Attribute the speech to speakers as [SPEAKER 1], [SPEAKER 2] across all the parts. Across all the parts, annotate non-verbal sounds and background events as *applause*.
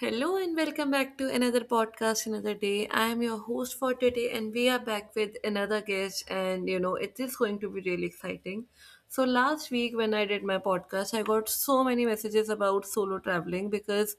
[SPEAKER 1] Hello and welcome back to another podcast, another day. I am your host for today, and we are back with another guest, and you know, it is going to be really exciting. So, last week when I did my podcast, I got so many messages about solo traveling because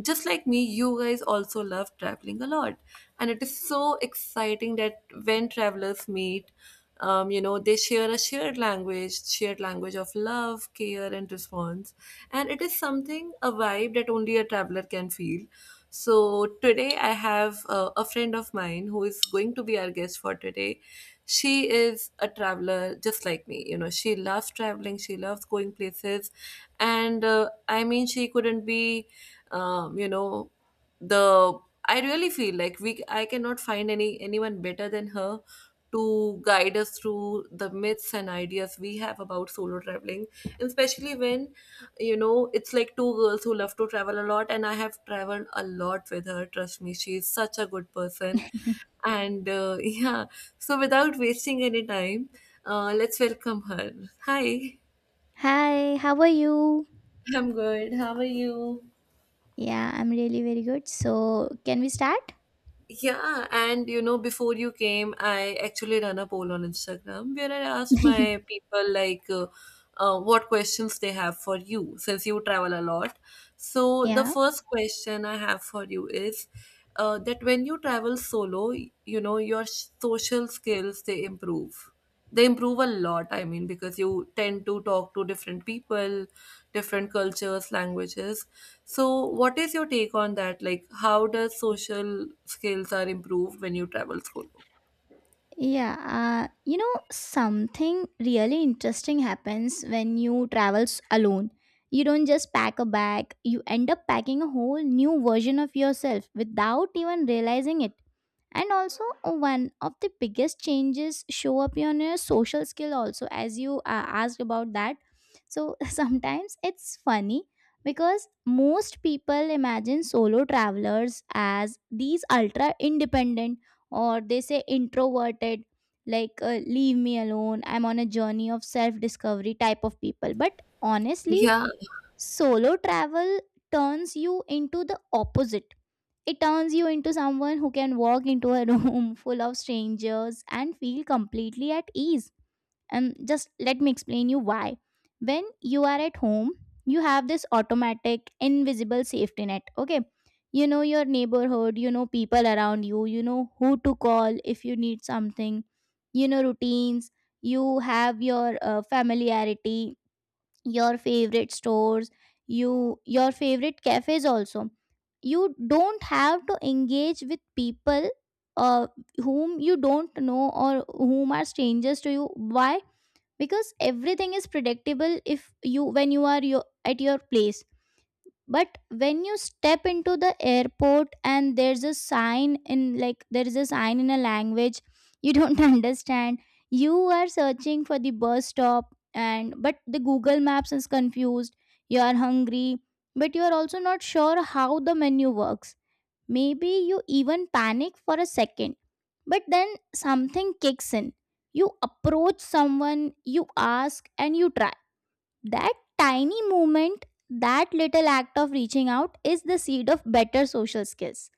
[SPEAKER 1] just like me, you guys also love traveling a lot, and it is so exciting that when travelers meet. They share a shared language of love, care, and response. And it is something, a vibe that only a traveler can feel. So today I have a friend of mine who is going to be our guest for today. She is a traveler just like me. You know, she loves traveling, she loves going places. And I mean, she couldn't be, you know, the I really feel like we I cannot find anyone better than her to guide us through the myths and ideas we have about solo traveling, and especially when you know it's like two girls who love to travel a lot, and I have traveled a lot with her. Trust me, she's such a good person. And *laughs* yeah, so without wasting any time, let's welcome her. Hi.
[SPEAKER 2] Hi, how are you?
[SPEAKER 1] I'm good, how are you?
[SPEAKER 2] Yeah, I'm really very good. So, can we start?
[SPEAKER 1] Yeah, and you know, before you came, I actually ran a poll on Instagram where I asked
[SPEAKER 2] *laughs*
[SPEAKER 1] my people like what questions they have for you since you travel a lot. So the
[SPEAKER 2] Yeah.
[SPEAKER 1] first question I have for you is that when you travel solo, you know, your social skills they improve. They improve a lot, I mean, because you tend to talk to different people, different cultures, languages. So, what is your take on that? Like, how does social skills are improved when you travel solo?
[SPEAKER 2] Yeah. Something really interesting happens when you travel alone. You don't just pack a bag, you end up packing a whole new version of yourself without even realizing it. And also one of the biggest changes show up on your social skill also as you asked about that. So *laughs* sometimes it's funny because most people imagine solo travelers as these ultra independent or they say introverted, like leave me alone, I'm on a journey of self discovery type of people, but honestly
[SPEAKER 1] Yeah,
[SPEAKER 2] solo travel turns you into the opposite. It turns you into someone who can walk into a *laughs* room full of strangers and feel completely at ease. And just let me explain you why. When you are at home, you have this automatic, invisible safety net. Okay. You know your neighborhood, you know people around you, you know who to call if you need something, you know routines, you have your familiarity, your favorite stores, your favorite cafes also. You don't have to engage with people, uh, whom you don't know or whom are strangers to you. Why? Because everything is predictable if you when you are your, at your place. But when you step into the airport and there's a sign in, like there is a sign in a language you don't *laughs* understand, you are searching for the bus stop and but the Google Maps is confused, you are hungry but you are also not sure how the menu works. Maybe you even panic for a second, but then something kicks in. You approach someone, you ask and you try. That tiny movement, that little act of reaching out is the seed of better social skills.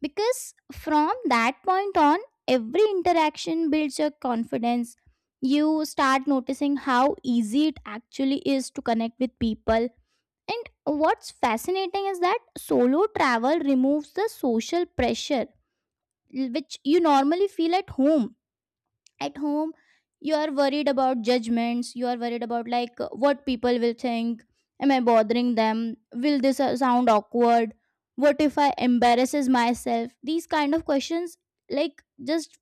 [SPEAKER 2] Because from that point on, every interaction builds your confidence. You start noticing how easy it actually is to connect with people. And what's fascinating is that solo travel removes the social pressure which you normally feel at home. At home you are worried about judgments, you are worried about like what people will think, am I bothering them, will this sound awkward, what if I embarrasses myself, these kind of questions, like just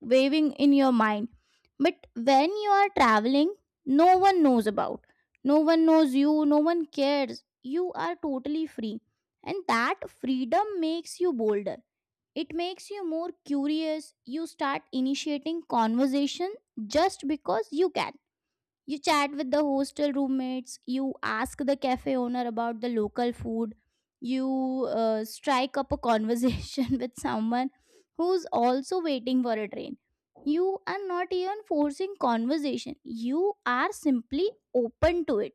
[SPEAKER 2] waving in your mind. But when you are traveling, no one knows about, no one knows you, no one cares, you are totally free. And that freedom makes you bolder, it makes you more curious. You start initiating conversation just because you can. You chat with the hostel roommates, you ask the cafe owner about the local food, you strike up a conversation *laughs* with someone who's also waiting for a train. You are not even forcing conversation, you are simply open to it,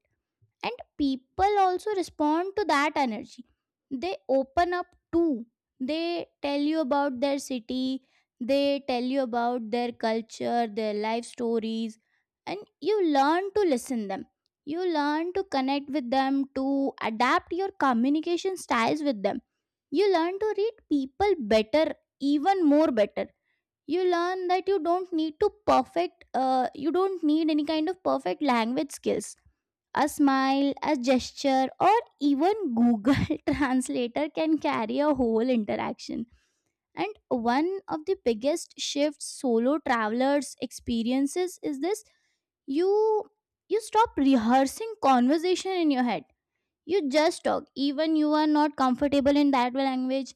[SPEAKER 2] and people also respond to that energy. They open up too, they tell you about their city, they tell you about their culture, their life stories, and you learn to listen them, you learn to connect with them, to adapt your communication styles with them. You learn to read people better, even more better. You learn that you don't need to perfect you don't need any kind of perfect language skills. A smile, a gesture, or even Google *laughs* Translator can carry a whole interaction. And one of the biggest shifts solo travelers experiences is this. you you stop rehearsing conversation in your head, you just talk, even you are not comfortable in that language,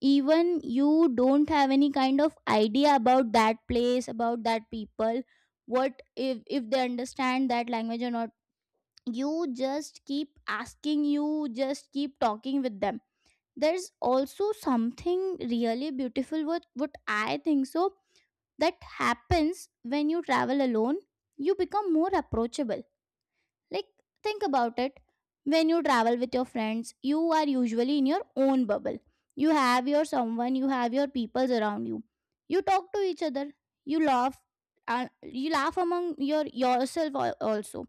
[SPEAKER 2] even you don't have any kind of idea about that place, about that people, what if they understand that language or not, you just keep asking, you just keep talking with them. There's also something really beautiful, what I think so, that happens when you travel alone. You become more approachable. Like, think about it, when you travel with your friends, you are usually in your own bubble. You have your someone, you have your peoples around you, you talk to each other, you laugh, and you laugh among your yourself also.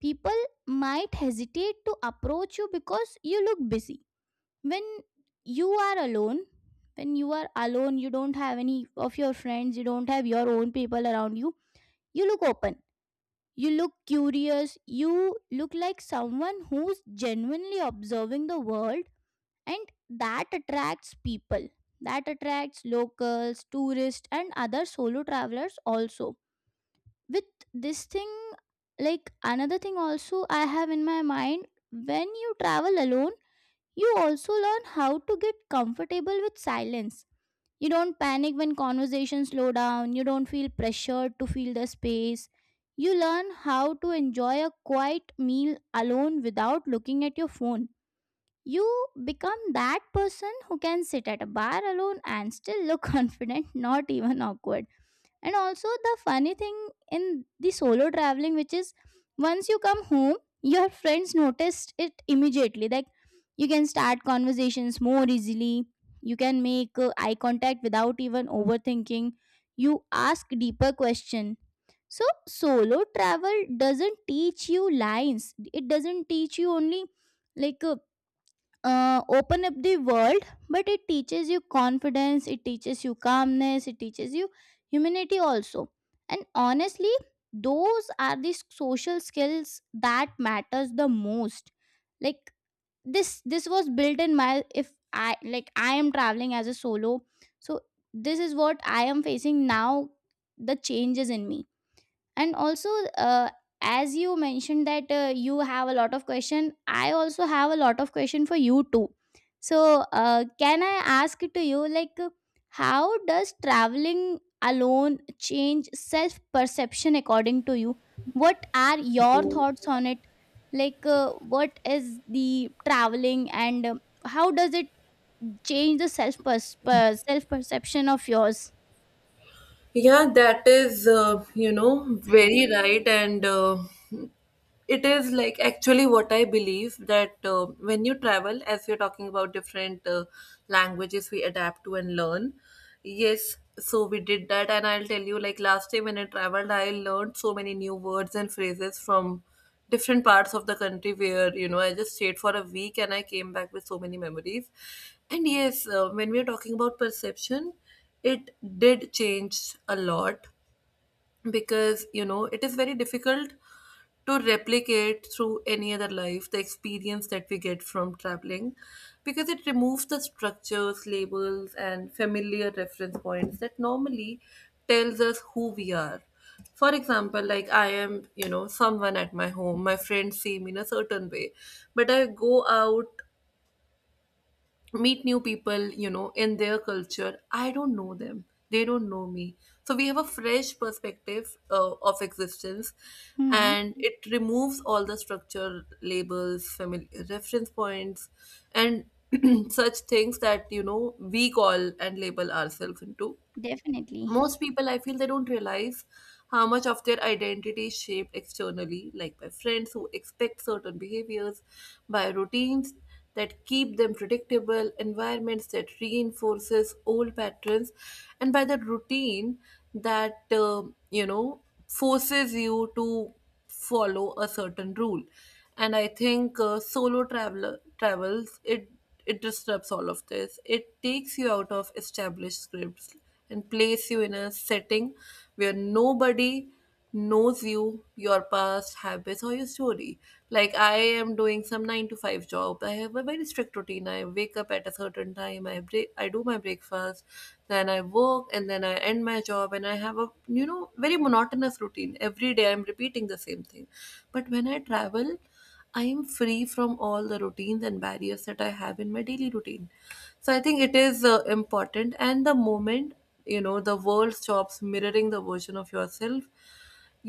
[SPEAKER 2] People might hesitate to approach you because you look busy. when you are alone when you are alone, you don't have any of your friends, you don't have your own people around you, you look open, you look curious, you look like someone who's genuinely observing the world. And that attracts people, that attracts locals, tourists, and other solo travelers also. With this thing, like another thing also I have in my mind, when you travel alone, you also learn how to get comfortable with silence. You don't panic when conversations slow down, you don't feel pressured to feel the space. You learn how to enjoy a quiet meal alone without looking at your phone. You become that person who can sit at a bar alone and still look *laughs* confident, not even awkward. And also the funny thing in the solo traveling, which is, once you come home, your friends noticed it immediately. Like, you can start conversations more easily, you can make eye contact without even overthinking, you ask deeper question. So solo travel doesn't teach you lines, it doesn't teach you only like open up the world, but it teaches you confidence, it teaches you calmness, it teaches you humanity also. And honestly, those are the social skills that matters the most. Like this was built in my, if I like I am traveling as a solo, so this is what I am facing now. The changes in me. And also uh, as you mentioned that you have a lot of question, I also have a lot of question for you too. So can I ask to you like how does traveling alone change self perception according to you, what are your thoughts on it, like what is the traveling, and how does it change the self perception of yours?
[SPEAKER 1] yeah, that is, you know, very right. And it is like actually what I believe that when you travel, as you're talking about different languages we adapt to and learn. Yes, so we did that, and I'll tell you like last time when I traveled, I learned so many new words and phrases from different parts of the country where you know I just stayed for a week and I came back with so many memories. And yes, when we're talking about perception, it did change a lot because you know it is very difficult to replicate through any other life the experience that we get from traveling, because it removes the structures, labels and familiar reference points that normally tells us who we are. For example, like I am, you know, someone at my home, my friends see me in a certain way, but I go out, meet new people, you know, in their culture. I don't know them. They don't know me. So we have a fresh perspective of existence,
[SPEAKER 2] Hmm.
[SPEAKER 1] and it removes all the structure labels, family reference points, and *clears throat* such things that, you know, we call and label ourselves into.
[SPEAKER 2] Definitely.
[SPEAKER 1] Most people, I feel, they don't realize how much of their identity is shaped externally, like by friends who expect certain behaviors, by routines that keep them predictable, environments that reinforces old patterns, and by the routine that, you know, forces you to follow a certain rule. And I think solo traveler travels, it disrupts all of this. It takes you out of established scripts and place you in a setting where nobody knows you, your past habits, or your story. Like I am doing some nine to five job. I have a very strict routine. I wake up at a certain time. I break. I do my breakfast, then I work, and then I end my job, and I have a, you know, very monotonous routine. Every day I'm repeating the same thing. But when I travel, I am free from all the routines and barriers that I have in my daily routine. So I think it is important, and the moment, you know, the world stops mirroring the version of yourself,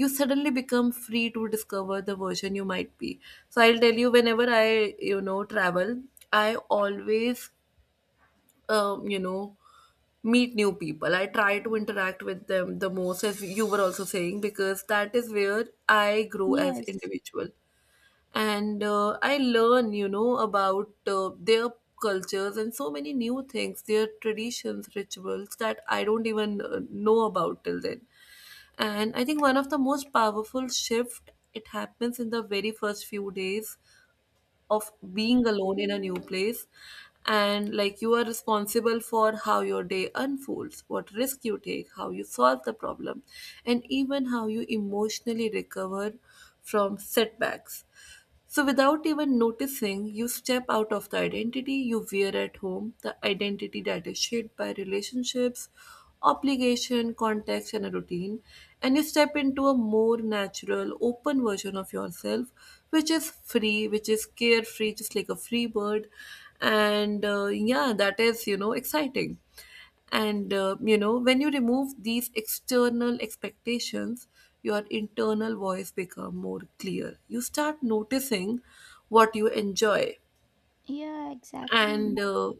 [SPEAKER 1] you suddenly become free to discover the version you might be. So I'll tell you, whenever I, you know, travel, I always, you know, meet new people. I try to interact with them the most, as you were also saying, because that is where I grow as
[SPEAKER 2] Yes.
[SPEAKER 1] individual, and I learn, you know, about their cultures and so many new things, their traditions, rituals that I don't even know about till then. And I think one of the most powerful shift it happens in the very first few days of being alone in a new place, and like you are responsible for how your day unfolds, what risk you take, how you solve the problem, and even how you emotionally recover from setbacks. So, without even noticing, you step out of the identity you wear at home, the identity that is shaped by relationships, obligation, context, and a routine, and you step into a more natural, open version of yourself, which is free, which is carefree, just like a free bird. And yeah, that is, you know, exciting. And you know, when you remove these external expectations, your internal voice become more clear. You start noticing what you enjoy,
[SPEAKER 2] Yeah,
[SPEAKER 1] and
[SPEAKER 2] exactly.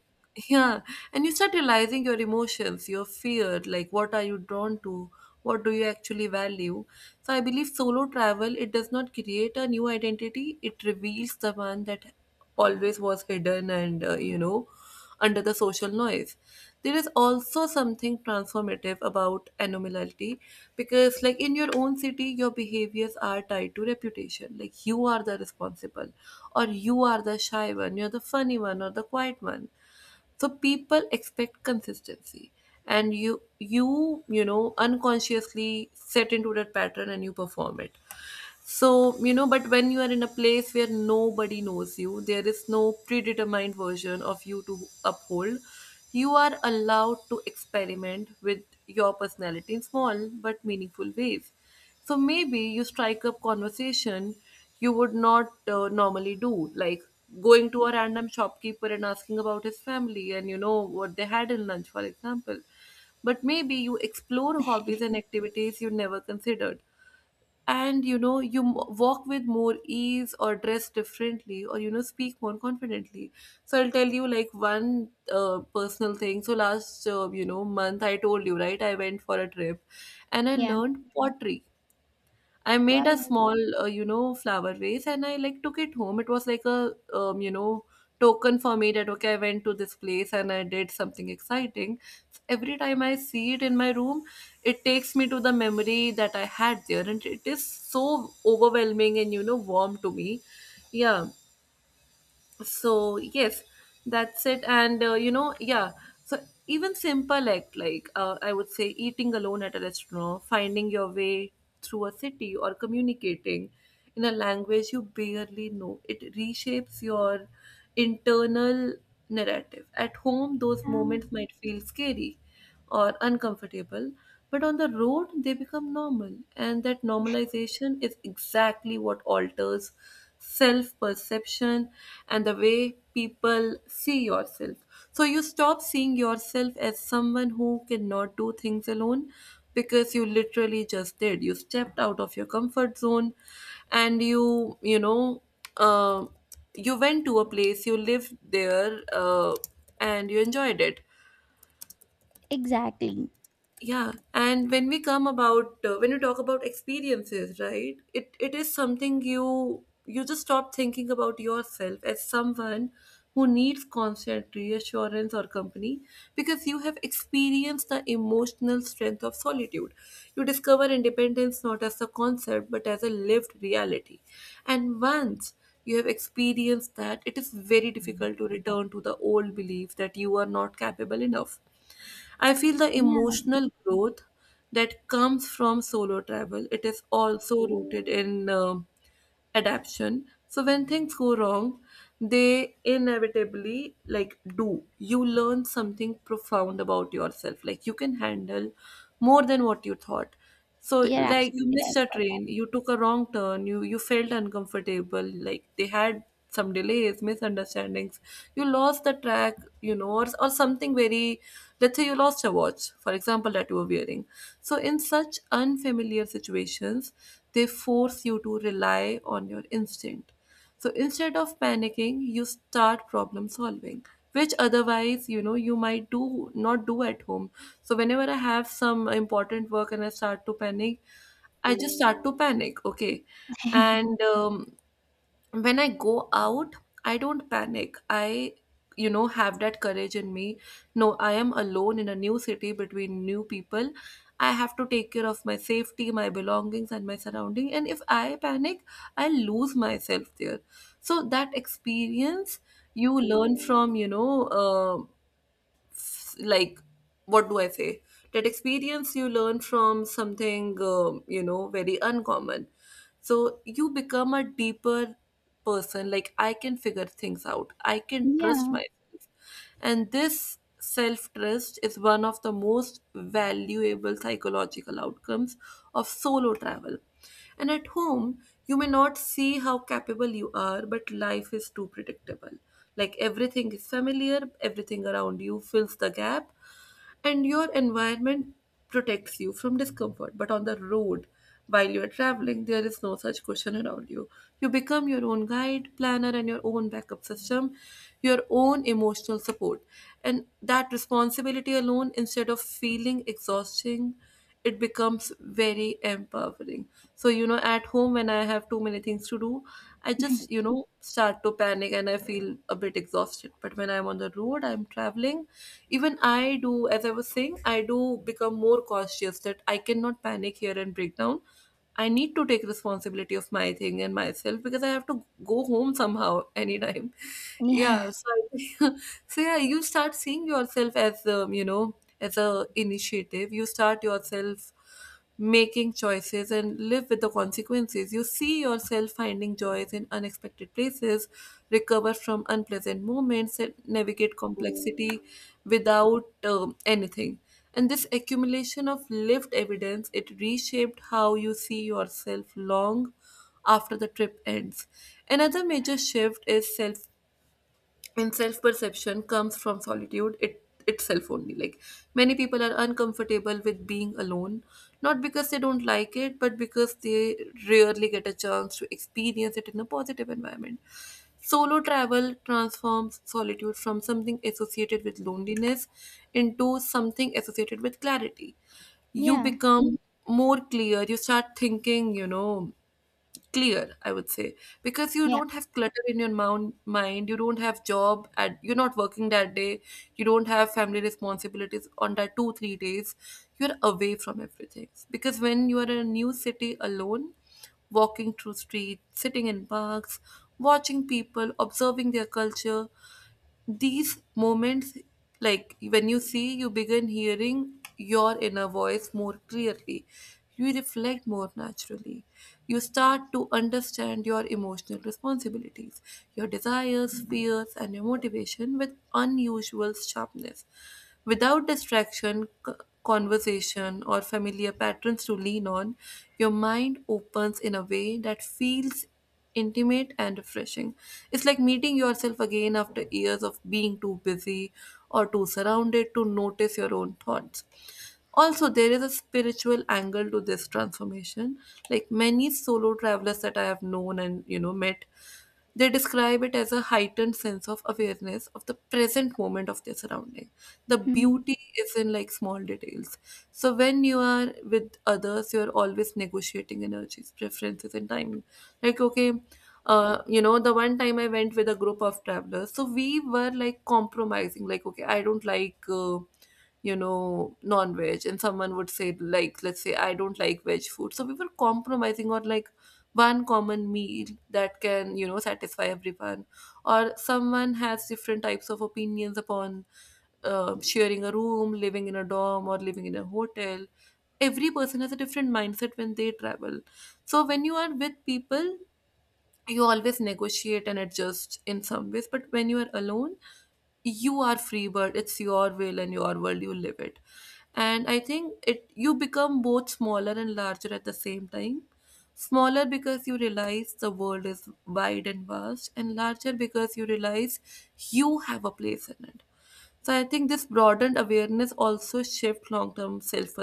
[SPEAKER 1] yeah, and you start realizing your emotions, your fear, like what are you drawn to, what do you actually value. So I believe solo travel, it does not create a new identity, it reveals the one that always was hidden and, you know, under the social noise. There is also something transformative about anomality, because, like in your own city, your behaviors are tied to reputation. Like you are the responsible, or you are the shy one, you're the funny one, or the quiet one. So people expect consistency, and you know unconsciously set into that pattern and you perform it. So, you know, but when you are in a place where nobody knows you, there is no predetermined version of you to uphold, you are allowed to experiment with your personality in small but meaningful ways. So maybe you strike up conversation you would not normally do, like going to a random shopkeeper and asking about his family and you know what they had in lunch, for example. But maybe you explore hobbies and activities you never considered, and you know you walk with more ease or dress differently or you know speak more confidently. So I'll tell you like one personal thing. So last, you know, month, I told you right, I went for a trip and I
[SPEAKER 2] Yeah.
[SPEAKER 1] learned pottery. I made a
[SPEAKER 2] Well,
[SPEAKER 1] small, you know, flower vase and I like took it home. It was like a, you know, token for me that okay, I went to this place and I did something exciting. Every time I see it in my room, it takes me to the memory that I had there, and it is so overwhelming and you know warm to me. Yeah, so yes, that's it, and you know, yeah. So even simple act like, I would say, eating alone at a restaurant, finding your way through a city, or communicating in a language you barely know, it reshapes your internal narrative. At home those
[SPEAKER 2] uh,
[SPEAKER 1] moments might feel scary or uncomfortable, but on the road they become normal. And that normalization is exactly what alters self perception and the way people see yourself. So you stop seeing yourself as someone who cannot do things alone because you literally just did. You stepped out of your comfort zone, and you know, uh, you went to a place, you lived there, and you enjoyed it.
[SPEAKER 2] exactly.
[SPEAKER 1] Yeah, and when we come about when you talk about experiences right, it is something you just stop thinking about yourself as someone who needs constant reassurance or company, because you have experienced the emotional strength of solitude. You discover independence not as a concept but as a lived reality, and once you have experienced that it is very difficult to return to the old belief that you are not capable enough. I feel the
[SPEAKER 2] Yeah,
[SPEAKER 1] emotional growth that comes from solo travel, it is also rooted in adaption. So when things go wrong, they inevitably like do, you learn something profound about yourself. Like you can handle more than what you thought. So
[SPEAKER 2] you're
[SPEAKER 1] like you
[SPEAKER 2] absolutely
[SPEAKER 1] missed
[SPEAKER 2] right.
[SPEAKER 1] a
[SPEAKER 2] But
[SPEAKER 1] train, you took a wrong turn, you felt uncomfortable, like they had some delays, misunderstandings. You lost the track, you know, or something very, let's say you lost a watch, for example, that you were wearing. So in such unfamiliar situations, they force you to rely on your instinct. So instead of panicking, you start problem solving, which otherwise, you know, you might do not do at home. So whenever I have some important work and I start to panic, I just start to panic. Okay.
[SPEAKER 2] *laughs*
[SPEAKER 1] And when I go out, I don't panic. I have that courage in me. No, I am alone in a new city between new people. I have to take care of my safety, my belongings, and my surrounding. And if I panic, I lose myself there. So that experience you learn from, like what do I say? That experience you learn from something, very uncommon, so you become a deeper person. Like, I can figure things out, I can trust
[SPEAKER 2] yeah,
[SPEAKER 1] myself. And this self trust is one of the most valuable psychological outcomes of solo travel. And at home, you may not see how capable you are, but life is too predictable. Like, everything is familiar, everything around you fills the gap, and your environment protects you from discomfort. But on the road, while you are traveling, there is no such question around you. You become your own guide, planner, and your own backup system, your own emotional support. And that responsibility alone, instead of feeling exhausting, it becomes very empowering. So, at home when I have too many things to do, I just, start to panic and I feel a bit exhausted. But when I'm on the road, I'm traveling, even I do, as I was saying, I do become more cautious that I cannot panic here and break down. I need to take responsibility of my thing and myself because I have to go home somehow anytime. *laughs*
[SPEAKER 2] yeah,
[SPEAKER 1] Yeah, so I, *laughs* so yeah, you start seeing yourself as as a initiative. You start yourself making choices and live with the consequences. You see yourself finding joys in unexpected places, recover from unpleasant moments, and navigate complexity without anything. And this accumulation of lived evidence, it reshaped how you see yourself long after the trip ends. Another major shift is self and self perception comes from solitude itself only. Like, many people are uncomfortable with being alone, not because they don't like it but because they rarely get a chance to experience it in a positive environment. Solo travel transforms solitude from something associated with loneliness into something associated with clarity. You
[SPEAKER 2] yeah,
[SPEAKER 1] become more clear, you start thinking, clear, I would say, because you
[SPEAKER 2] yeah.
[SPEAKER 1] don't have clutter in your mind, you don't have job and you're not working that day, you don't have family responsibilities on that 2-3 days, you're away from everything. Because when you are in a new city alone, walking through streets, sitting in parks, watching people, observing their culture, these moments, like when you see, you begin hearing your inner voice more clearly. You reflect more naturally, you start to understand your emotional responsibilities, your desires, fears, and your motivation with unusual sharpness. Without distraction, conversation, or familiar patterns to lean on, your mind opens in a way that feels intimate and refreshing. It's like meeting yourself again after years of being too busy or too surrounded to notice your own thoughts. Also, there is a spiritual angle to this transformation. Like, many solo travelers that I have known and met, they describe it as a heightened sense of awareness of the present moment, of their surrounding. The
[SPEAKER 2] Hmm.
[SPEAKER 1] beauty is in, like, small details. So when you are with others, you are always negotiating energies, preferences, and timing. Like, okay, the one time I went with a group of travelers, so we were like compromising. Like, okay, I don't like non-veg, and someone would say, like, let's say I don't like veg food, so we were compromising on, like, one common meal that can, satisfy everyone. Or someone has different types of opinions upon sharing a room, living in a dorm or living in a hotel. Every person has a different mindset when they travel. So when you are with people, you always negotiate and adjust in some ways, but when you are alone, you are free bird. It's your will and your world, you live it. And I think it you become both smaller and larger at the same time. Smaller because you realize the world is wide and vast, and larger because you realize you have a place in it. So I think this broadened awareness also shifts long term self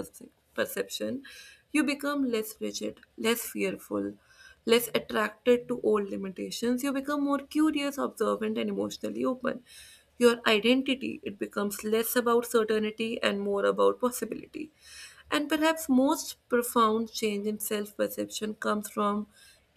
[SPEAKER 1] perception. You become less rigid, less fearful, less attracted to old limitations. You become more curious, observant, and emotionally open. Your identity, it becomes less about certainty and more about possibility. And perhaps most profound change in self perception comes from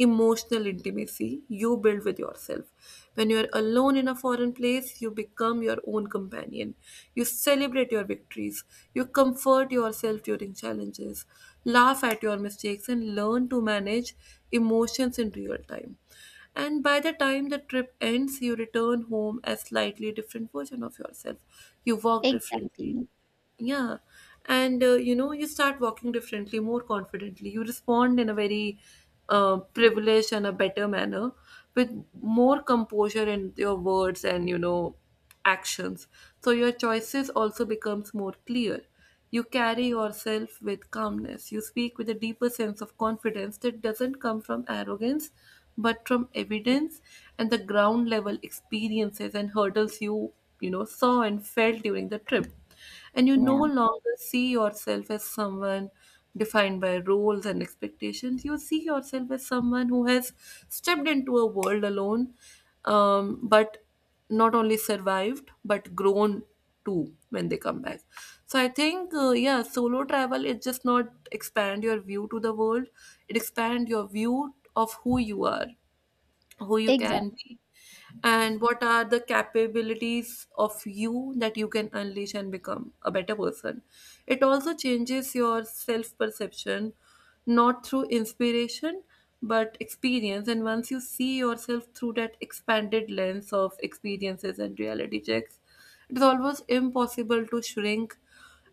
[SPEAKER 1] emotional intimacy you build with yourself. When you're alone in a foreign place, you become your own companion. You celebrate your victories. You comfort yourself during challenges. Laugh at your mistakes and learn to manage emotions in real time. And by the time the trip ends, you return home as slightly different version of yourself. You walk differently.
[SPEAKER 2] Exactly.
[SPEAKER 1] Yeah. And you start walking differently, more confidently. You respond in a very privileged and a better manner, with more composure in your words and actions. So your choices also becomes more clear. You carry yourself with calmness. You speak with a deeper sense of confidence that doesn't come from arrogance, but from evidence and the ground level experiences and hurdles you, saw and felt during the trip. And you no
[SPEAKER 2] Yeah,
[SPEAKER 1] longer see yourself as someone defined by roles and expectations. You see yourself as someone who has stepped into a world alone, but not only survived but grown too when they come back. So I think yeah, solo travel, it just not expand your view to the world, it expand your view of who you are, who you
[SPEAKER 2] exactly.
[SPEAKER 1] can be, and what are the capabilities of you that you can unleash and become a better person. It also changes your self perception, not through inspiration but experience. And once you see yourself through that expanded lens of experiences and reality checks, it is almost impossible to shrink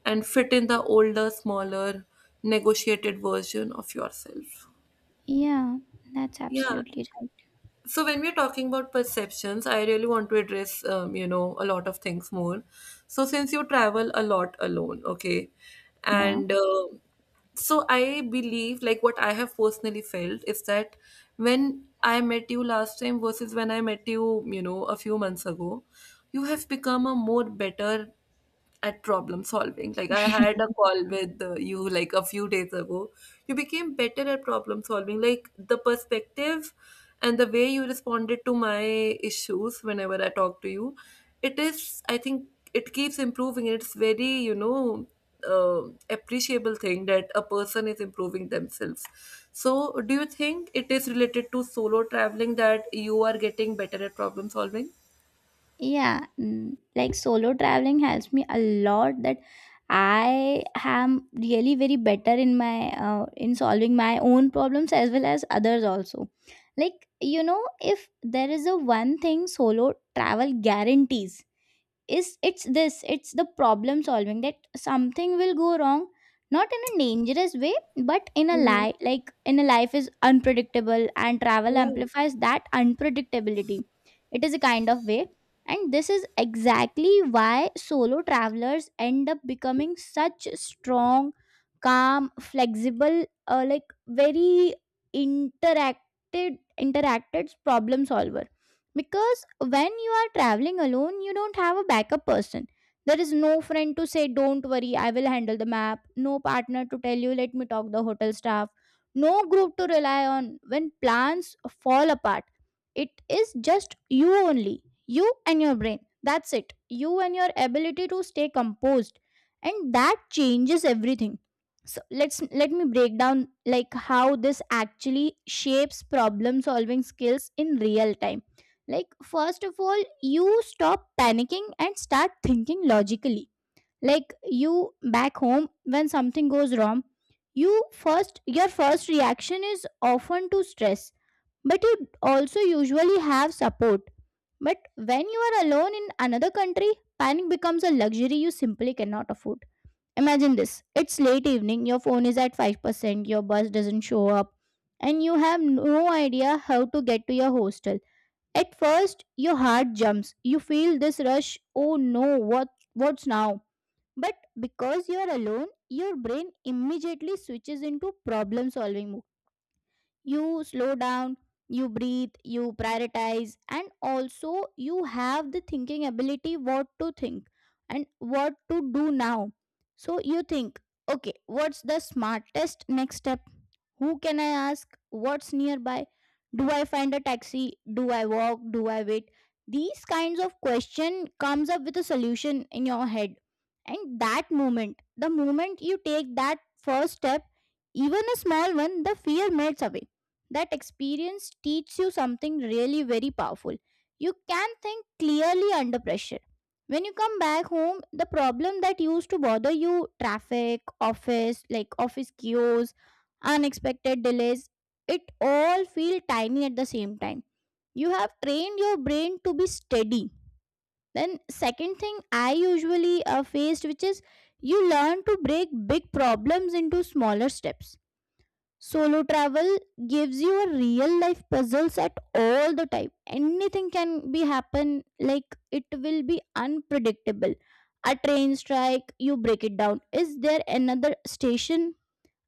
[SPEAKER 1] and fit in the older, smaller, negotiated version of yourself.
[SPEAKER 2] Yeah, that's
[SPEAKER 1] Yeah,
[SPEAKER 2] absolutely right.
[SPEAKER 1] so when we're talking about perceptions, I really want to address a lot of things more. So, since you travel a lot alone, okay,
[SPEAKER 2] Yeah.
[SPEAKER 1] and so I believe, like, what I have personally felt is that when I met you last time versus when I met you, you know a few months ago, you have become a more better at problem solving. Like, I had a call with you like a few days ago. You became better at problem solving. Like, the perspective and the way you responded to my issues whenever I talk to you, it is, I think, it keeps improving. It's very, appreciable thing that a person is improving themselves. So do you think it is related to solo traveling that you are getting better at problem solving?
[SPEAKER 2] Yeah, mm, like solo traveling helps me a lot, that I am really very better in my in solving my own problems as well as others also. Like, you know, if there is a one thing solo travel guarantees is it's this, it's the problem solving, that something will go wrong, not in a dangerous way, but in a life, like in a life is unpredictable, and travel amplifies that unpredictability. It is a kind of way. And this is exactly why solo travelers end up becoming such strong, calm, flexible, like very interacted interacted problem solvers. Because when you are traveling alone, you don't have a backup person. There is no friend to say don't worry, I will handle the map, no partner to tell you let me talk the hotel staff, no group to rely on when plans fall apart. It is just you only, you and your brain, that's it, you and your ability to stay composed. And that changes everything. So let's, let me break down like how this actually shapes problem solving skills in real time. Like, first of all, you stop panicking and start thinking logically. Like you back home, when something goes wrong, you first your first reaction is often to stress, but you also usually have support. But when you are alone in another country, panic becomes a luxury you simply cannot afford. Imagine this, it's late evening, your phone is at 5%, your bus doesn't show up, and you have no idea how to get to your hostel. At first, your heart jumps. You feel this rush, oh no, what what's now? But because you are alone, your brain immediately switches into problem solving mode. You slow down, you breathe, you prioritize, and also you have the thinking ability, what to think and what to do now. So you think, okay, what's the smartest next step, who can I ask, what's nearby, do I find a taxi, do I walk, do I wait? These kinds of question comes up with a solution in your head. And that moment, the moment you take that first step, even a small one, the fear melts away. That experience teaches you something really very powerful. You can think clearly under pressure. When you come back home, the problem that used to bother you, traffic, office, like office queues, unexpected delays, it all feel tiny at the same time. You have trained your brain to be steady. Then, second thing I usually faced, which is, you learn to break big problems into smaller steps. Solo travel gives you a real life puzzles at all the time. Anything can be happen, like it will be unpredictable. A train strike, you break it down. Is there another station,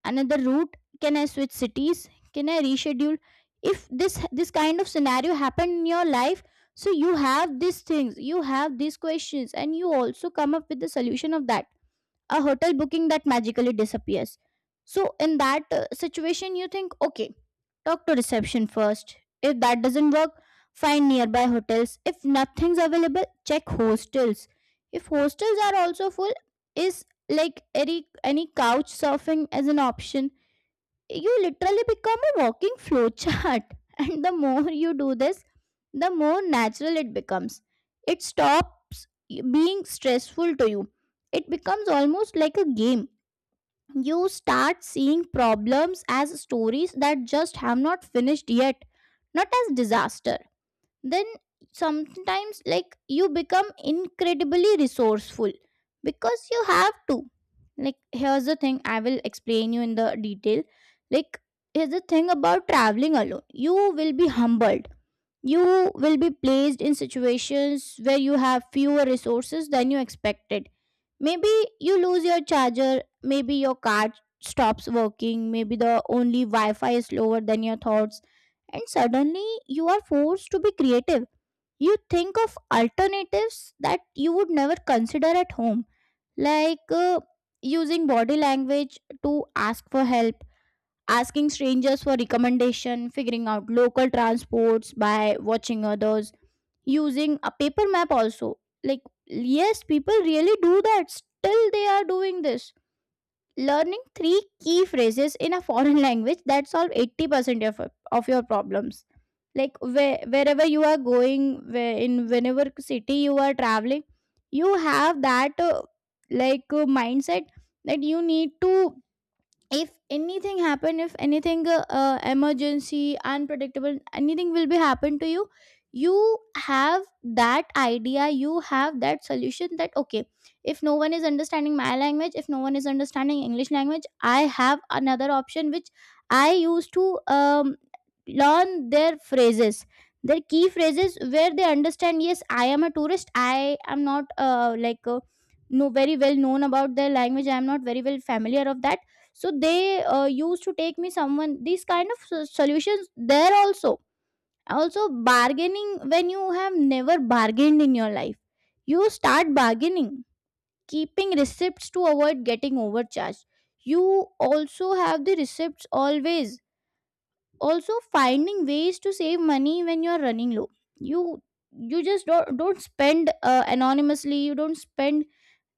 [SPEAKER 2] another route? Can I switch cities? Can I reschedule? If this kind of scenario happened in your life, so you have these things, you have these questions, and you also come up with the solution of that. A hotel booking that magically disappears. So in that situation, you think, okay, talk to reception first. If that doesn't work, find nearby hotels. If nothing's available, check hostels. If hostels are also full, is like any couch surfing as an option. You literally become a walking flowchart *laughs* and the more you do this, the more natural it becomes. It stops being stressful to you, it becomes almost like a game. You start seeing problems as stories that just have not finished yet, not as disasters. Then sometimes, like, you become incredibly resourceful because you have to. Like, here's the thing, I will explain you in the detail. Like, here's the thing about traveling alone, you will be humbled. You will be placed in situations where you have fewer resources than you expected. Maybe you lose your charger, maybe your card stops working, maybe the only Wi Fi is slower than your thoughts, and suddenly you are forced to be creative. You think of alternatives that you would never consider at home, like using body language to ask for help, asking strangers for recommendation, figuring out local transports by watching others, using a paper map also. Like, yes, people really do that, still they are doing this. Learning three key phrases in a foreign *laughs* language that solve 80% of your problems. Like wherever you are going, where in whenever city you are traveling, you have that like mindset that you need to. If anything happen, if anything emergency, unpredictable, anything will be happen to you, you have that idea, you have that solution that okay, if no one is understanding my language, if no one is understanding english language, I have another option which I used to learn their phrases, their key phrases, where they understand, yes, I am a tourist, I am not like no very well known about their language, I am not very well familiar of that. So they used to take me someone these kind of solutions there also. Also bargaining, when you have never bargained in your life, you start bargaining. Keeping receipts to avoid getting overcharged, you also have the receipts always. Also finding ways to save money when you are running low, you you just don't spend anonymously, you don't spend,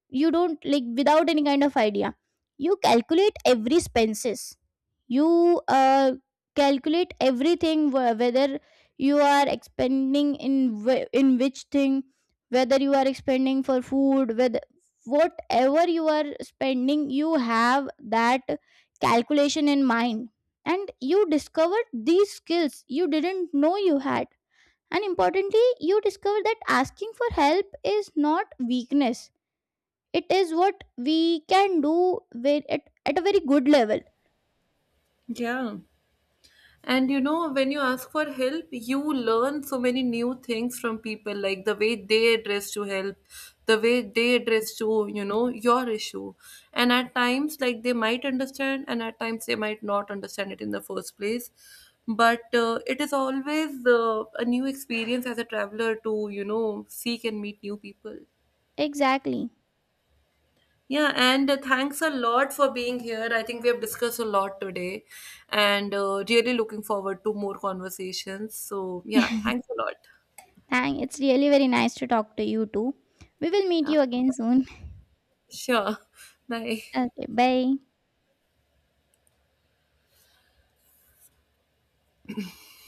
[SPEAKER 2] you don't, like, without any kind of idea. You calculate every expenses, you calculate everything, whether you are expending in, in which thing, whether you are expending for food, whether, whatever you are spending, you have that calculation in mind. And you discovered these skills you didn't know you had. And importantly, you discover that asking for help is not weakness, it is what we can do with at a very good level.
[SPEAKER 1] Yeah. And, you know, when you ask for help, you learn so many new things from people, like the way they address to help, the way they address to, your issue. And at times, like, they might understand, and at times they might not understand it in the first place. But it is always a new experience as a traveler to, seek and meet new people.
[SPEAKER 2] Exactly.
[SPEAKER 1] Yeah, and thanks a lot for being here. I think we have discussed a lot today and really looking forward to more conversations. So, yeah, thanks a lot.
[SPEAKER 2] *laughs* Thank, it's really very nice to talk to you too. We will meet
[SPEAKER 1] Yeah,
[SPEAKER 2] you again soon.
[SPEAKER 1] sure. *laughs* Bye.
[SPEAKER 2] Okay, bye.